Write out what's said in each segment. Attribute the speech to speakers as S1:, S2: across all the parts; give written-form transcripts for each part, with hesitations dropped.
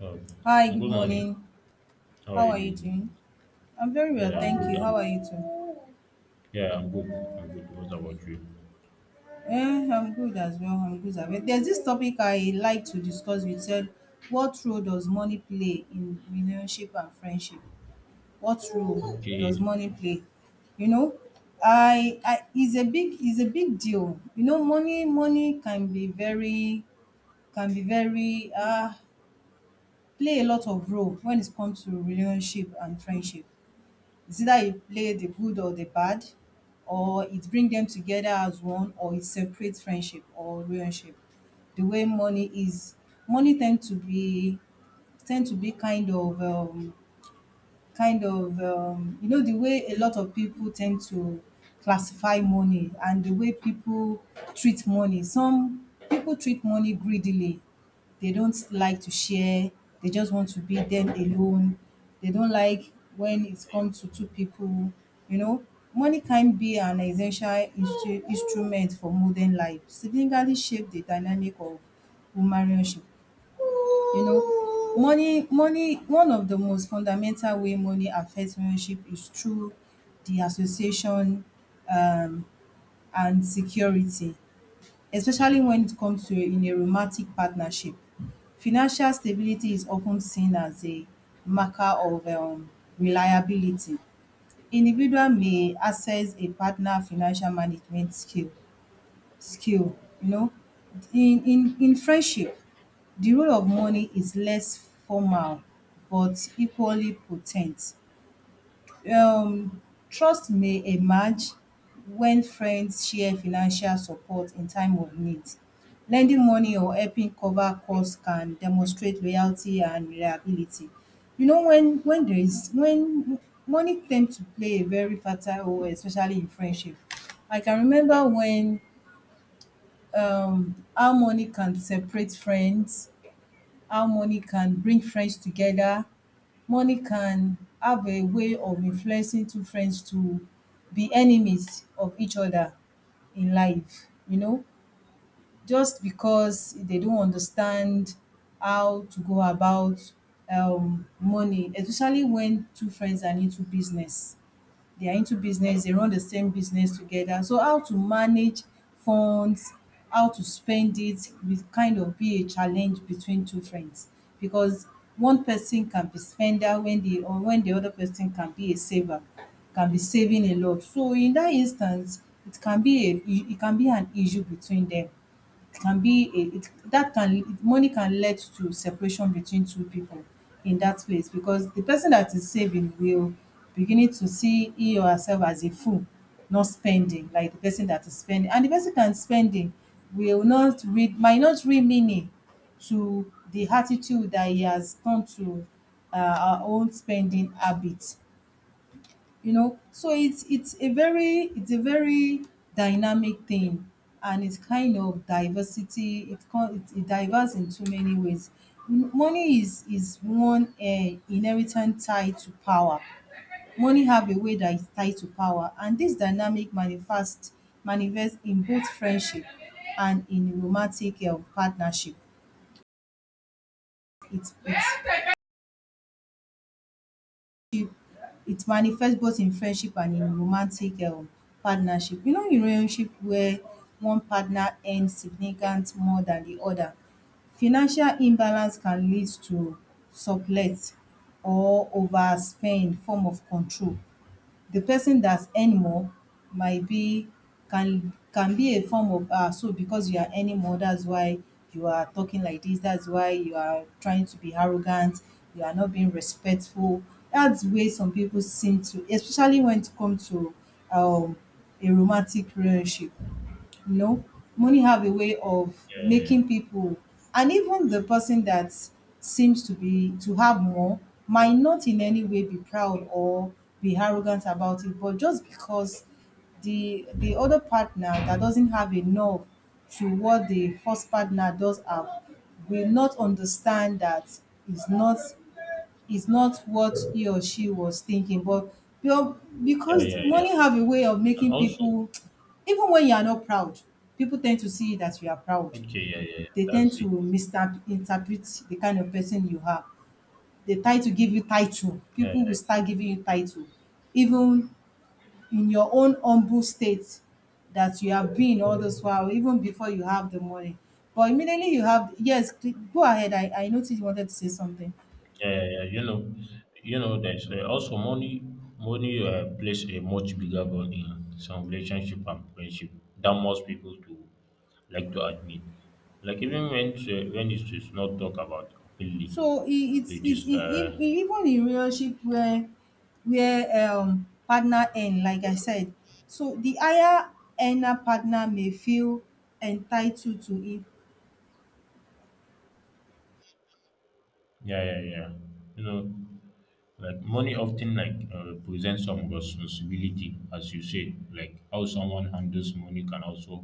S1: Oh,
S2: Hi,
S1: and
S2: good
S1: good morning.
S2: morning.
S1: How are
S2: How
S1: you
S2: are you doing?
S1: doing?
S2: I'm very well,
S1: Yeah, I'm
S2: thank
S1: good.
S2: you. How
S1: I'm,
S2: are you too?
S1: yeah, I'm good. I'm good. What about you?
S2: I'm good as well. There's this topic I like to discuss with said, what role does money play in relationship and friendship? What role does
S1: Okay.
S2: money play? You know, I is a big deal. You know, money can be very can be very uh play a lot of role when it comes to relationship and friendship. It's either you play the good or the bad, or it bring them together as one, or it separates friendship or relationship. The way money is, money tend to be tend to be kind of um kind of you know the way a lot of people tend to classify money and the way people treat money, some people treat money greedily. They don't like to share, they just want to be them alone, they don't like when it comes to two people. You know, money can be an essential instrument for modern life, significantly shape the dynamic of human relationship. You know, money, one of the most fundamental way money affects relationship is through the association, um, and security,
S1: Yeah,
S2: especially
S1: yeah,
S2: when it comes to in a romantic partnership. Financial stability is often seen as a marker of reliability. Individual may access a partner financial management skill, you know. In friendship, the role of money is less formal but equally potent. Um Trust may emerge when friends share financial support in time of need. Lending money or helping cover costs can demonstrate loyalty and reliability. You know, when there is when money tends to play a very fertile role, especially in friendship. I can remember when how money can separate friends, how money can bring friends together, money can have a way of influencing two friends to be enemies of each other in life, you know, just because they don't understand how to go about money, especially when two friends are into business, they run the same business together. So how to manage funds, how to spend it will kind of be a challenge between two friends because one person can be spender when the or when the other person can be a saver, can be saving a lot. So in that instance, it can be a it can be an issue between them, it can be a it that can money can lead to separation between two people in that place because the person that is saving will beginning to see he or herself as a fool, not spending like the person that is spending, and the person that is spending will not read, might not read meaning to the attitude that he has come to our own spending habit, you know. So it's a very dynamic thing, and it's kind of diversity. It it diverse in too many ways. Money is one inherent tied to power. Money have a way that is tied to power, and this dynamic manifests in both friendship and in romantic partnership. It's it's it manifests both in friendship and in romantic partnership. You know, in relationship where one partner earns significant more than the other, financial imbalance can lead to sublet or overspend form of control. The person that's earn more might be, can be a form of ah, so because you are earning more, that's why you are talking like this, that's why you are trying to be arrogant, you are not being respectful. That's where some people seem to, especially when it comes to um a romantic relationship, you know. Money have a way of
S1: yeah, yeah, yeah,
S2: making people, and even the person that seems to be to have more might not in any way be proud or be arrogant about it, but just because the other partner that doesn't have enough to what the first partner does have will not understand that, it's not, is not what he or she was thinking. But you know,
S1: yeah,
S2: because
S1: yeah.
S2: money
S1: yeah.
S2: have a way of
S1: And
S2: making
S1: also,
S2: people, even when you are not proud, people tend to see that you are proud.
S1: okay, yeah.
S2: They tend
S1: That's
S2: to
S1: it.
S2: misinterpret the kind of person you are. They try to give you title.
S1: Yeah,
S2: People will
S1: yeah,
S2: start giving you title, even in your own humble state that you have been all this while, even before you have the money. But immediately you have, yes, go ahead. I noticed you wanted to say something.
S1: yeah. You know, there's also money. Money plays a much bigger role in some relationship and friendship than most people to like to admit. Like even when it is not talk about openly,
S2: So it
S1: it
S2: it's
S1: is
S2: in even in relationship where where partner earn, like I said, so the higher earner partner may feel entitled to it.
S1: yeah. You know. Like money often like presents some responsibility, as you say. Like how someone handles money can also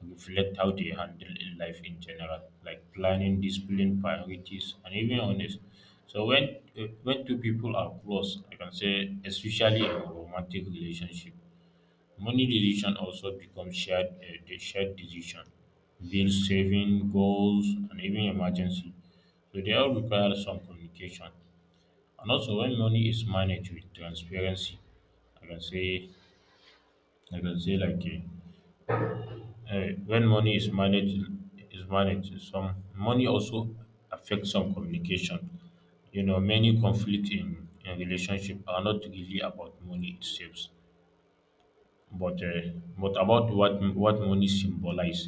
S1: reflect how they handle in life in general, like planning, discipline, priorities, and even honest. So when two people are close, I can say, especially in a romantic relationship, money decision also becomes shared, the shared decision, bills, saving, goals, and even emergency. So they all require some communication. And also, when money is managed with transparency, I can say, I can say like when money is managed, some money also affects some communication. You know, many conflict in relationship are not really about money itself, but uh, but about what money symbolize.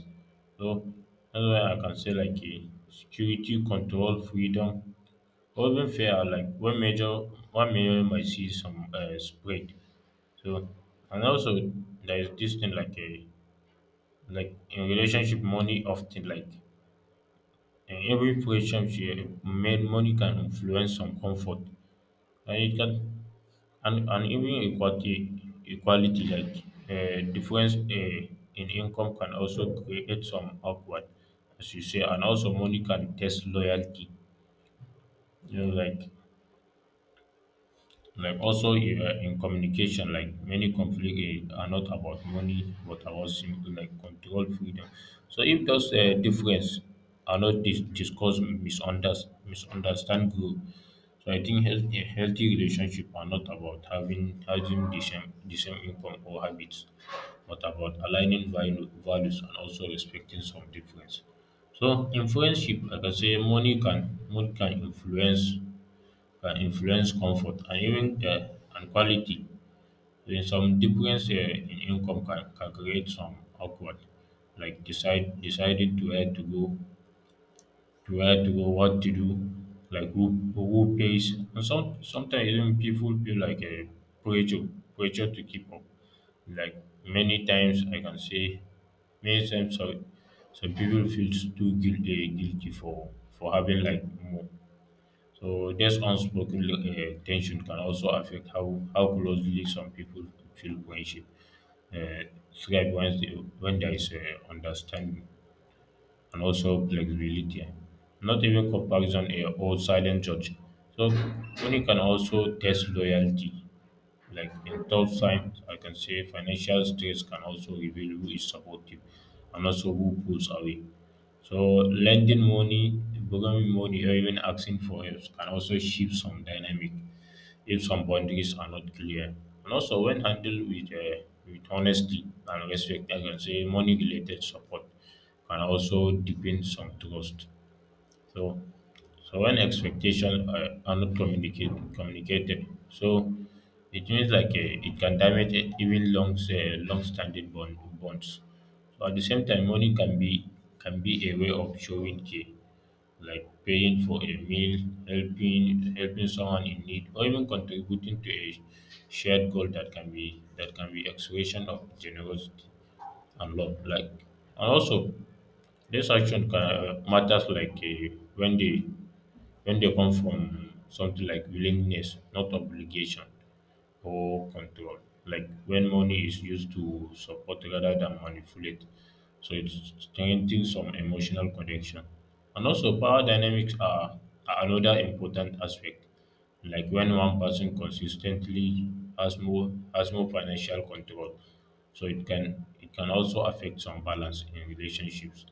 S1: So that's why I can say like security, control, freedom, or even fair. Like one major might see some spread. So and also there is this thing like a like in relationship money often like in every relationship men money can influence some comfort, and it can and, and even equality like difference in income can also create some awkward as you say, and also money can test loyalty, you know like also in communication like many conflict are not about money but about simple like control freedom. So if those difference are not discussed misunderstand grow. So I think healthy relationship are not about having the same income or habits, but about aligning values and also respecting some difference. So in friendship like I say money can influence, can influence comfort and even and quality. Then some difference in income can create some awkward, like decide deciding to where to go, to where to go, what to do, like who pays, and sometimes even people feel like a pressure pressure to keep up. Like many times, I can say many times, some people feel too guilty guilty for having like more. So this unspoken tension can also affect how closely some people feel friendship. Uh, thrive when there is understanding and also flexibility. Not even comparison or silent judge. So when you can also test loyalty. Like in tough times, I can say financial stress can also reveal who is supportive and also who pulls away. So lending money, borrowing money, or even asking for help can also shift some dynamic if some boundaries are not clear. And also, when handled with honesty and respect, I can say money related support can also deepen some trust. So so when expectations are not communicated, so it means like it can damage even long-standing bonds. So at the same time, money can be a way of showing care, like paying for a meal, helping someone in need, or even contributing to a shared goal, that can be expression of generosity and love. Like and also, this action matters like when they come from something like willingness, not obligation or control. Like when money is used to support rather than manipulate. So it's strengthening some emotional connection. And also power dynamics are another important aspect. Like when one person consistently has more financial control. So it can also affect some balance in relationships.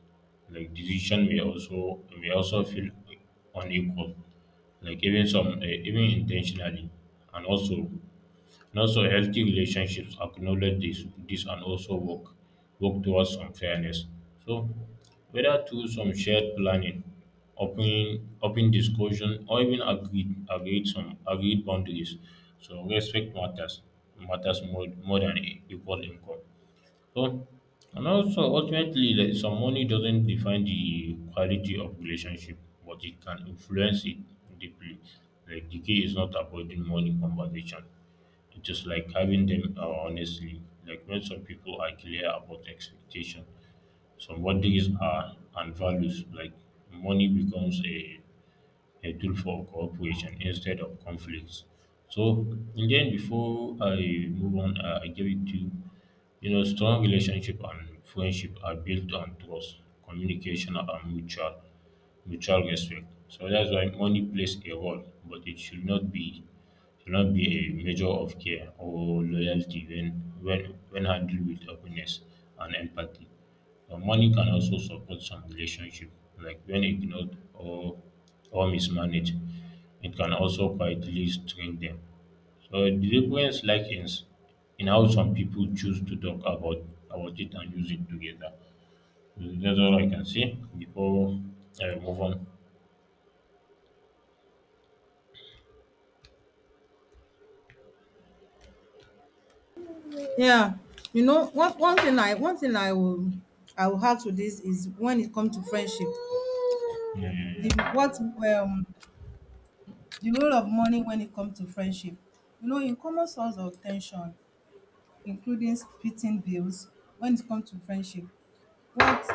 S1: Like decision may also feel unequal, like even some even intentionally. and also and also, healthy relationships acknowledge this and also work towards some fairness. So, whether through some shared planning, open discussion, or even agreed boundaries, so respect matters matters more than equal income. So, and also ultimately, like, some money doesn't define the quality of relationship, but it can influence it deeply. Like the key is not avoiding money conversation, it is like having them honestly, like when some people are clear about expectation, some boundaries are and values, like money becomes a tool for cooperation instead of conflicts. So, in the end, before I move on, I give it to you. You know, strong relationship and friendship are built on trust, communication, and mutual mutual respect. So that's why money plays a role, but it should not be a measure of care or loyalty when when handled with openness and empathy. Money can also support some relationship, like when ignored or mismanaged, it can also quietly strain them. So the difference like in, in how some people choose to talk about it and use it together. So that's all I can say before I move on.
S2: Yeah, you know, one thing I, will I will add to this is when it comes to friendship,
S1: yeah
S2: the
S1: yeah
S2: what the role of money when it comes to friendship. You know, in common source of ten sion, including splitting bills when it comes to friendship. What,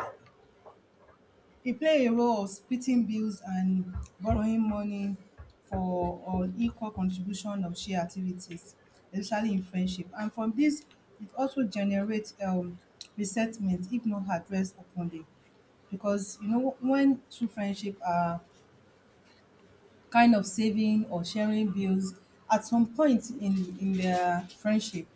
S2: it play a role of splitting bills and borrowing money for unequal contribution of shared activities, especially in friendship. And from this, it also generates resentment if not addressed openly. Because you know, when true friendship are kind of saving or sharing bills at some point in their friendship,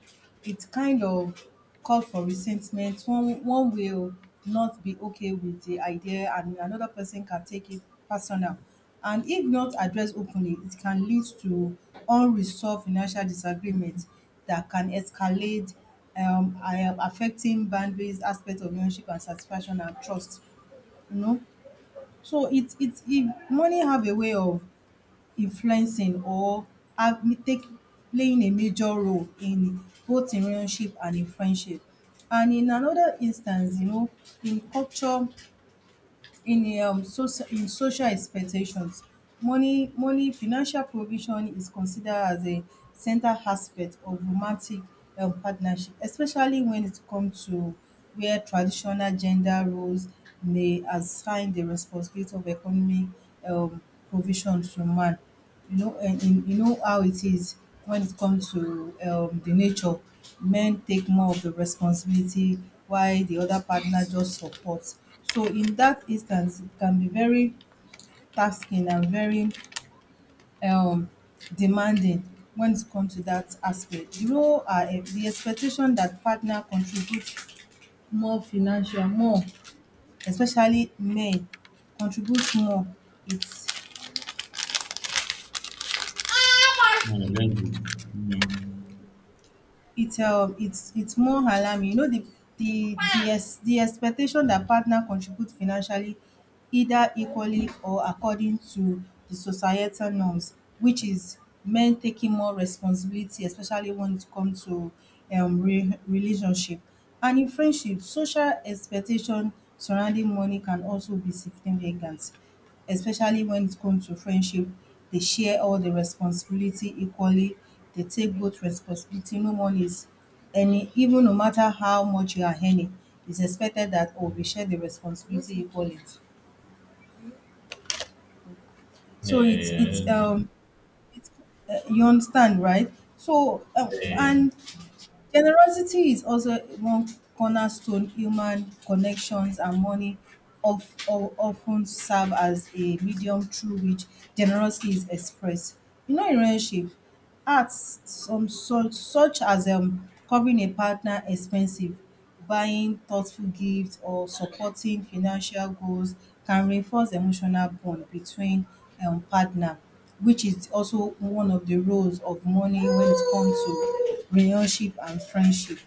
S2: it kind of called for resentment. One will not be okay with the idea and another person can take it personal, and if not addressed openly it can lead to unresolved financial disagreement that can escalate, I affecting boundaries aspect of relationship and satisfaction and trust, you know. So it if money have a way of influencing or have take playing a major role in both in relationship and in friendship. And in another instance, you know, in culture, in in social expectations, money, financial provision is considered as a central aspect of romantic partnership, especially when it comes to where traditional gender roles may assign the responsibility of economic um, provision to man. You know, and in, you know how it is when it comes to the nature. Men take more of the responsibility, while the other partner just supports. So in that instance, it can be very tasking and very um, demanding when it comes to that aspect. You know, are the expectation that partner contributes more financial, more, especially men contributes more. It's
S1: yeah yeah that's good. Mm.
S2: it's more alarming. You know, the the expectation that partner contribute financially either equally or according to the societal norms, which is men taking more responsibility, especially when it comes to relationship. And in friendship, social expectation surrounding money can also be significant, especially when it comes to friendship. They share all the responsibility equally. They take both responsibility. No one is any, even no matter how much you are earning, it's expected that oh we share the responsibility equally.
S1: yeah
S2: So
S1: yeah yeah
S2: it's, you understand, right? So
S1: that's it. Yeah.
S2: and Generosity is also one cornerstone human connections, and money of often serve as a medium through which generosity is expressed. You know, in relationship, acts some such as covering a partner expensive, buying thoughtful gifts or supporting financial goals can reinforce emotional bond between partner, which is also one of the roles of money when it comes to relationship and friendship.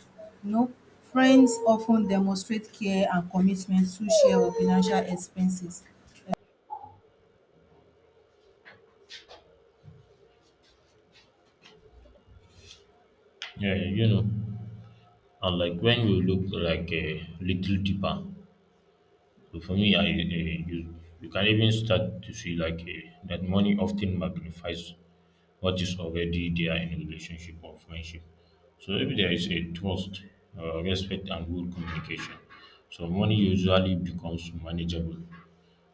S2: You know, friends often demonstrate care and commitment through share of financial expenses.
S1: Yeah, yeah, you know, and like when you look like a little deeper. So for me, you can even start to see like that money often magnifies what is already there in relationship or friendship. So if there is a trust, respect, and good communication, so money usually becomes manageable.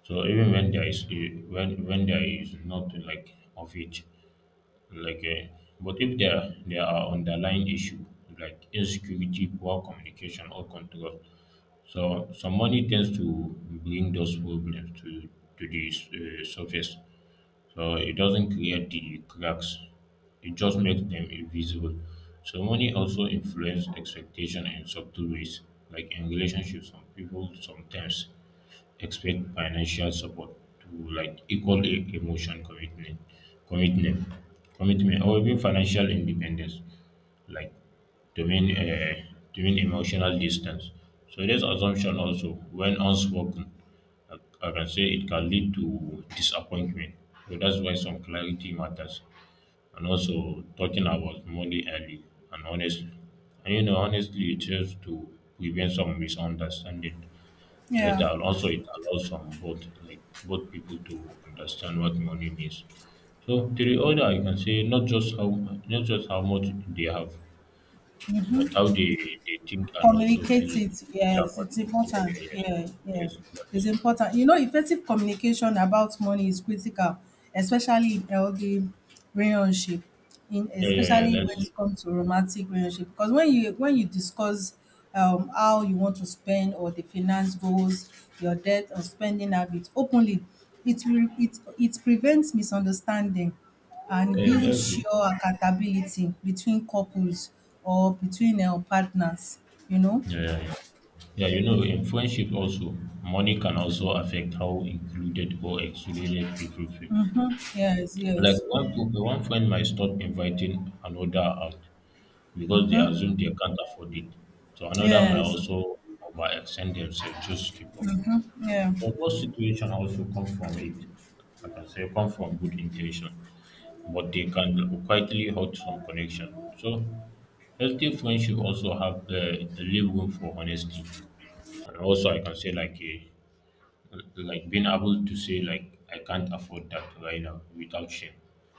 S1: So even when when there is not like of it, like but if there there are underlying issue like insecurity, poor communication, or control, so some money tends to bring those problems to the surface. So it doesn't create the cracks; it just makes them invisible. So money also influences expectation in subtle ways, like in relationships. Some people sometimes expect financial support to like equal emotion commitment commitment or even financial independence like to mean uh, to mean emotional distance. So this assumption also when unspoken I, I can say it can lead to disappointment. So that's why some clarity matters, and also talking about money early and honestly, and you know honestly it helps to prevent some misunderstanding
S2: Yeah.
S1: later. And also it allows some both, like both people to understand what money means, so to the order I can say not just how much they have, but how they think and also
S2: Communicate
S1: feel
S2: it,
S1: feel
S2: yes,
S1: about
S2: it's
S1: it. yeah
S2: important.
S1: yeah yes
S2: Yeah, yeah,
S1: yes
S2: it's
S1: that's it.
S2: important. You know, effective communication about money is critical, especially in healthy relationship, in
S1: Yeah,
S2: especially when
S1: that's it.
S2: it comes to romantic relationship. Because when you, when you discuss how you want to spend or the finance goals, your debt or spending habits openly, it will it it prevents misunderstanding and
S1: Yeah
S2: build
S1: that's it.
S2: sure accountability between couples or between partners, you know?
S1: Yeah yeah yeah yeah You know, in friendship also money can also affect how included or excluded people feel,
S2: Mhm. Yes,
S1: like
S2: yes.
S1: one friend might stop inviting another out because they
S2: Mhm.
S1: assume they can't afford it. So another might
S2: Yes.
S1: also overextend themselves just to keep up.
S2: Mhm. Yeah.
S1: So both situations also come from it. I can say come from good intention, but they can quietly hurt some connection. So healthy friendship also have leave room for honesty, and also I can say like a like being able to say like I can't afford that right now without shame,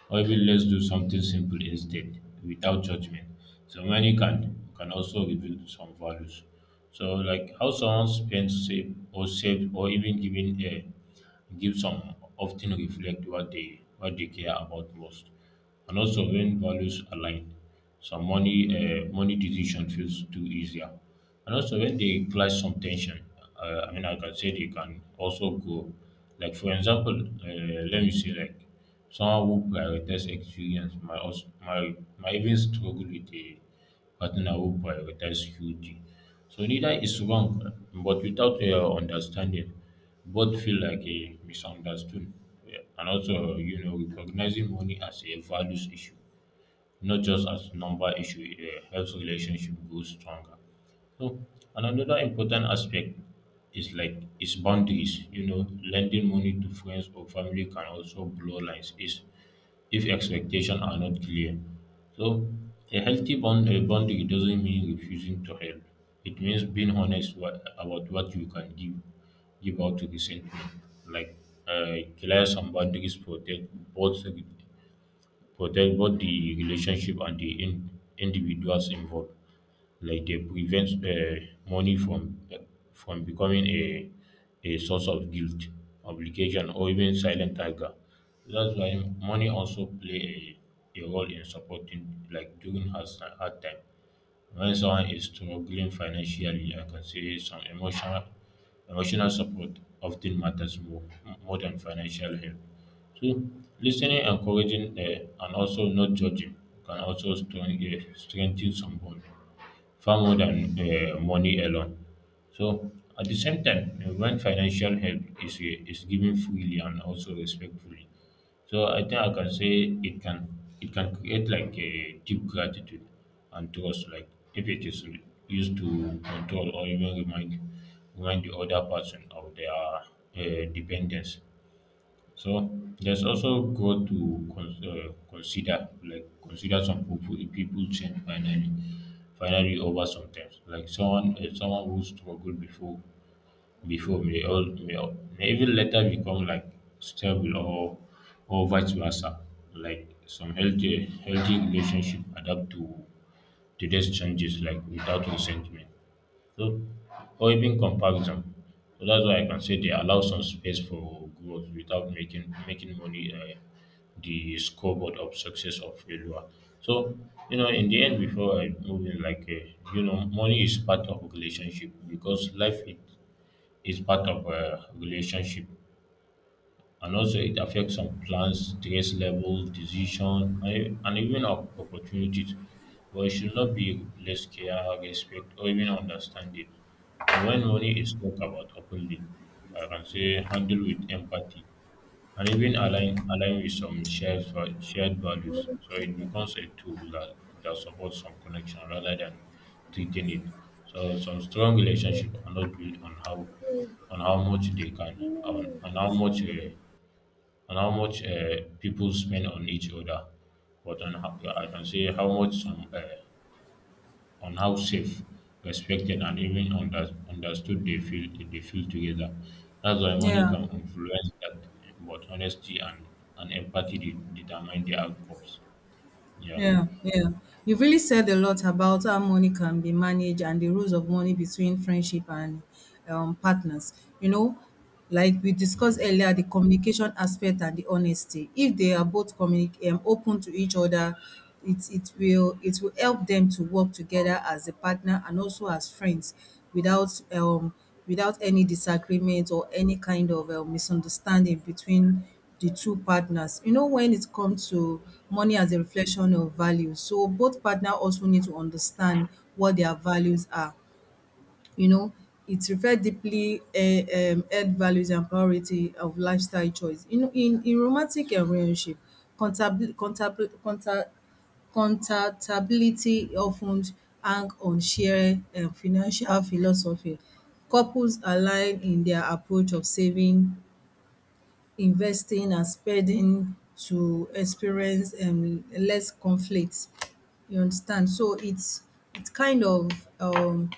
S1: or even let's do something simple instead without judgment. So money can also reveal some values. So like how someone save or even giving a give some often reflect what they care about most. And also when values align, some money decision feels too easier. And also when they clash some tension, like I can say they can also go. Like for example, let me say like someone who prioritizes experience might might even struggle with a partner who prioritize security. So neither is wrong, but without understanding, both feel like a misunderstood. Yeah, and also, you know, recognizing money as a values issue not just as number issue, it helps relationship grow stronger. So and another important aspect is like is boundaries, you know lending money to friends or family can also blow lines is if expectations are not clear. So a healthy bond, a boundary doesn't mean refusing to help, it means being honest about what you can give give out to resentment. Like clear some boundaries both protect both the relationship and the in, individuals involved. Like they prevent money from becoming a source of guilt, obligation, or even silent anger. That's why money also play a role in supporting, like during hard time. When someone is struggling financially, I can say some emotional emotional support often matters more than financial help. So, listening, encouraging, and also not judging can also strengthen some bond far more than money alone. So, at the same time, when financial help is given freely and also respectfully, so I think I can say it can create like a deep gratitude and trust, like if it is used to control or even remind the other person of their dependence. So there's also growth to consider, like consider some people change finally, finally over sometimes. Like someone, someone who struggled before, before may may even later become like stable or vice versa. Like some healthy relationship adapt to today's changes like without resentment. So, or even comparison. So that's why I can say they allow some space for growth without making money the scoreboard of success or failure. So in the end, before I move in, like money is part of relationship because life it is part of a relationship and also it affects some plans, stress level, decision, and even opportunities. But it should not be less care, respect, or even understanding. So when money is talked about openly, I can say handle with empathy and even align with some shared values. So it becomes a tool that, that supports some connection rather than treating it. So some strong relationship are not built on how much they can on how much and how much people spend on each other, but on how, I can say how much on how safe, respected, and even understood they feel together. That's why money
S2: Yeah.
S1: can influence that, but honesty and empathy determine the outcomes. Yeah,
S2: Yeah, yeah, you really said a lot about how money can be managed and the rules of money between friendship and partners. You know, like we discussed earlier, the communication aspect and the honesty. If they are both open to each other, it it will help them to work together as a partner and also as friends without without any disagreement or any kind of misunderstanding between the two partners. You know, when it comes to money as a reflection of value, so both partner also need to understand what their values are. You know, it reflects deeply health values and priority of lifestyle choice. You know, in romantic relationship, contable- contable- conta- contactability often hang on shared financial philosophy. Couples align in their approach of saving, investing and spending to experience less conflict. You understand? So it's kind of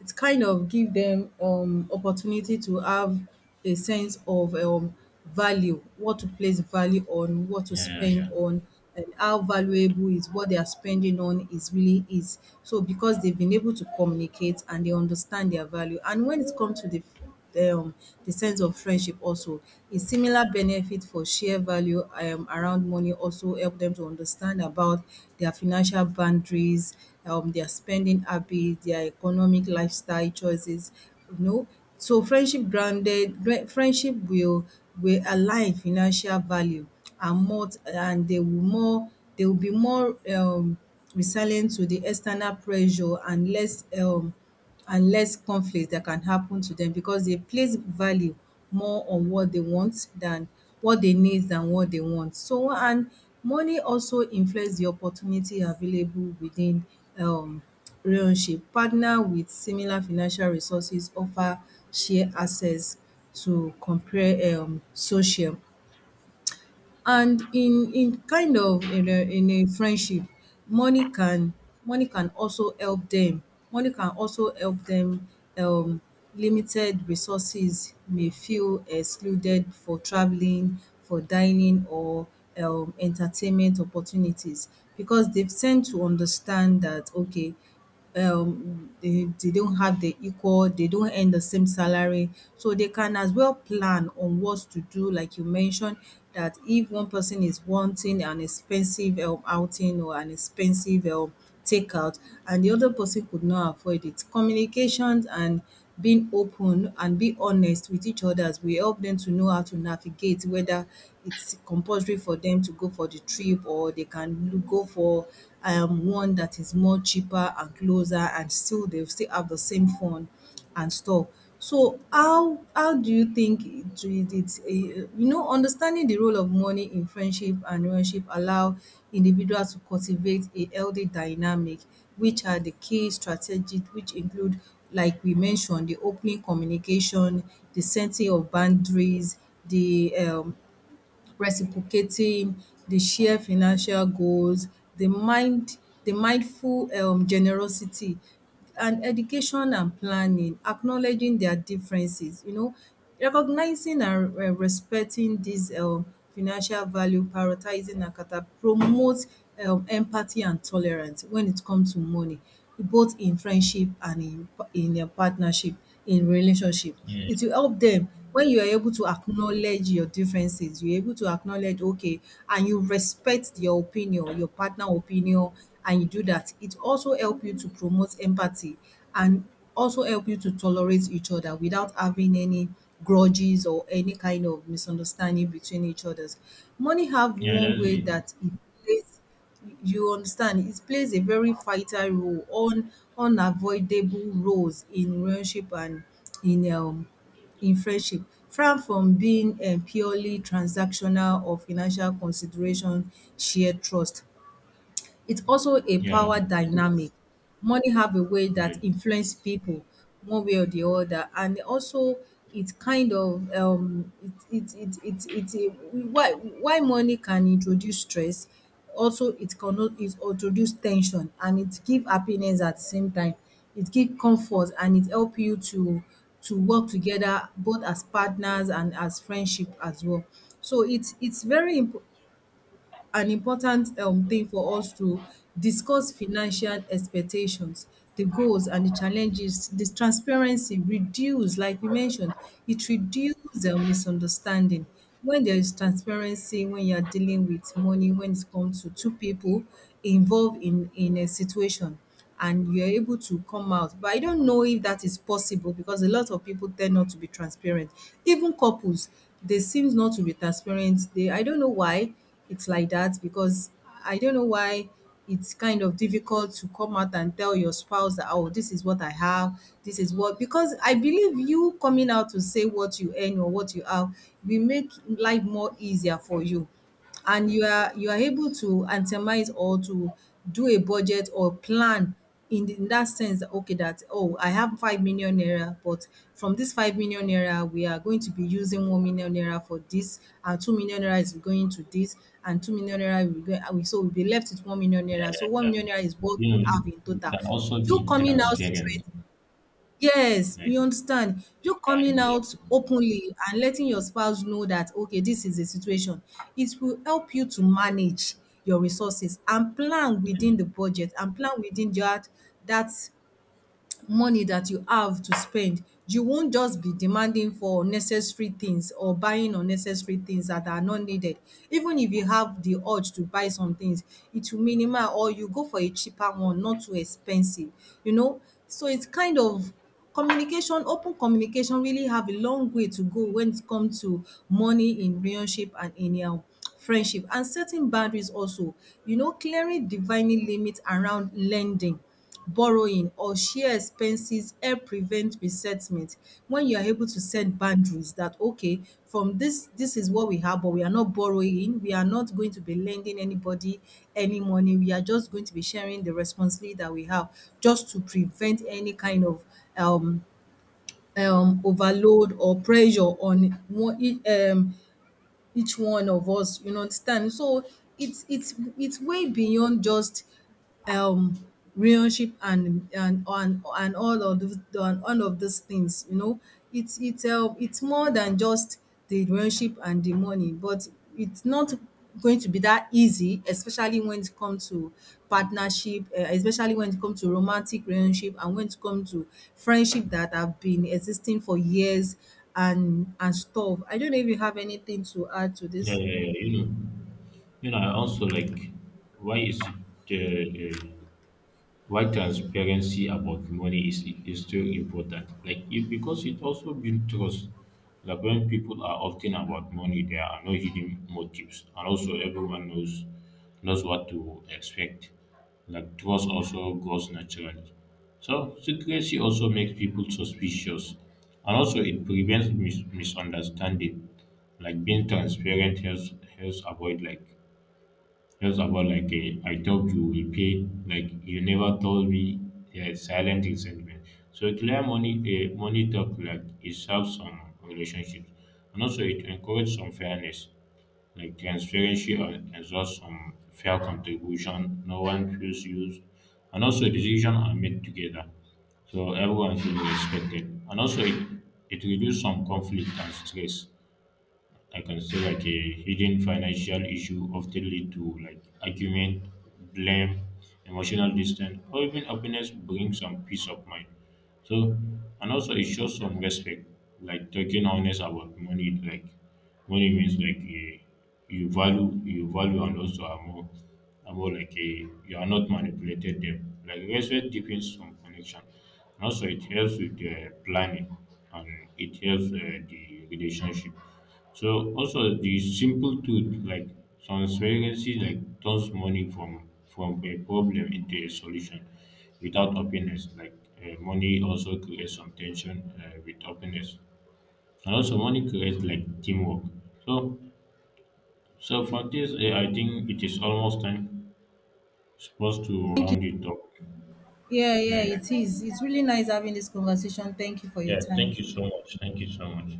S2: it's kind of give them opportunity to have a sense of value, what to place value on, what to
S1: yeah,
S2: spend
S1: yeah,
S2: on, and how valuable is what they are spending on is really is. So because they've been able to communicate and they understand their value, and when it comes to um the sense of friendship also a similar benefit for share value around money also help them to understand about their financial boundaries dia spending habits, their economic lifestyle choices you know so friendship will align financial value and more and they will more they will be more resilient to the external pressure and less conflict that can happen to them because they place value more on what they want than what they want. So and money also influence the opportunity available within um relationship. Partner with similar financial resources offer share access to compare social, and in kind of in a friendship, money can money can also help them money can also help them. um Limited resources may feel excluded for traveling, for dining, or entertainment opportunities, because they've tend to understand that, okay, they don't have the equal they don't earn the same salary, so they can as well plan on what to do, like you mentioned, that if one person is wanting an expensive outing or an expensive takeout and the other person could not afford it, communications and being open and be honest with each others will help them to know how to navigate whether it's compulsory for them to go for the trip or they can go for one that is more cheaper and closer and still they'll still have the same fun and stuff. So how do you think it it it's a you know understanding the role of money in friendship and relationship allow individuals to cultivate a healthy dynamic, which are the key strategies, which include, like we mentioned, the opening communication, the setting of boundaries, the reciprocating, the shared financial goals, the mind the mindful generosity and education and planning, acknowledging their differences, you know, recognizing and respecting these financial value, prioritizing and cata promote empathy and tolerance when it comes to money, both in friendship and in a partnership, in relationship.
S1: yeah.
S2: It will help them when you are able to acknowledge your differences, you're able to acknowledge, okay, and you respect your opinion, your partner opinion, and you do that. It also help you to promote empathy and also help you to tolerate each other without having any grudges or any kind of misunderstanding between each others. Money have
S1: Yeah, yeah,
S2: one
S1: that's
S2: way
S1: it.
S2: that it plays, you understand, it plays a very vital role, un unavoidable roles in relationship and in um in friendship, far from being purely transactional or financial consideration, share trust. It's also a
S1: Yeah,
S2: power dynamic. Money have a way
S1: yeah,
S2: that influence people one way or the other, and also it's kind of it it it it it why money can introduce stress, also it can it introduce tension, and it give happiness at the same time, it give comfort, and it help you to work together both as partners and as friendship as well. So it's very imp an important thing for us to discuss financial expectations, the goals and the challenges. This transparency reduce, like we mentioned, it reduces misunderstanding. When there is transparency, when you are dealing with money, when it comes to two people involved in a situation, and you're able to come out. But I don't know if that is possible because a lot of people tend not to be transparent. Even couples, they seem not to be transparent. They, I don't know why it's like that, because I don't know why, it's kind of difficult to come out and tell your spouse that, oh, this is what I have, this is what, because I believe you coming out to say what you earn or what you have will make life more easier for you, and you are able to itemize or to do a budget or plan in the in that sense that, okay, that, oh, I have 5 million naira, but from this 5 million naira we are going to be using 1 million naira for this, and 2 million naira is going to this, and 2 million naira will go, and we, so we'll be left with 1 million
S1: yeah,
S2: naira, so
S1: yeah,
S2: one
S1: yeah.
S2: million naira is what
S1: You
S2: we
S1: know,
S2: have in
S1: it
S2: total.
S1: can also
S2: You
S1: be
S2: coming out straight.
S1: transparent.
S2: Yes,
S1: Like
S2: you understand. You
S1: it can
S2: coming
S1: be,
S2: out
S1: like,
S2: openly and letting your spouse know that, okay, this is the situation. It will help you to manage your resources and plan within
S1: mm,
S2: the budget and plan within that money that you have to spend, you won't just be demanding for unnecessary things or buying unnecessary things that are not needed. Even if you have the urge to buy some things, it will minimal or you go for a cheaper one, not too expensive, you know. So it's kind of communication, open communication really have a long way to go when it comes to money in relationship and in friendship and setting boundaries also. You know, clearing defining limits around lending, borrowing or share expenses help prevent resentment when you are able to set boundaries that, okay, from this, this is what we have, but we are not borrowing, we are not going to be lending anybody any money, we are just going to be sharing the responsibility that we have just to prevent any kind of um overload or pressure on one each one of us, you know, understand? So it's way beyond just um relationship and and all of the and all of these things, you know. It's it's more than just the relationship and the money, but it's not going to be that easy, especially when it comes to partnership, especially when it comes to romantic relationship and when it comes to friendship that have been existing for years and stuff. I don't know if you have anything to add to
S1: yeah,
S2: this.
S1: yeah, yeah. You know, I also like why is it uh, uh, why transparency about money is still important? Like it, because it also builds trust. Like when people are often about money, there are no hidden motives, and also everyone knows what to expect. Like trust also grows naturally. So secrecy also makes people suspicious, and also it prevents misunderstanding. Like being transparent helps avoid like just about like a, I thought you will pay, like you never told me. Yeah, silent resentment. So clear money, a money talk like it serves some relationships, and also it encourages some fairness, like transparency, and exhausts some fair contribution. No one feels used, and also decisions are made together, so everyone feels respected, and also it reduces some conflict and stress. I can say like a hidden financial issue often lead to like argument, blame, emotional distance, or even happiness brings some peace of mind. So and also it shows some respect, like talking honest about money, like money means like you value and also are more like a you are not manipulated them. Like respect deepens some connection. And also it helps with the planning and it helps the relationship. So also the simple truth like transparency like turns money from a problem into a solution without openness. Like money also creates some tension with openness. And also money creates like teamwork. So so for this, I think it is almost time supposed to
S2: Thank you.
S1: round it up.
S2: Yeah, yeah,
S1: Yeah, yeah,
S2: it is. It's really nice having this conversation. Thank you for your
S1: yeah.
S2: time.
S1: Thank you so much. Thank you so much.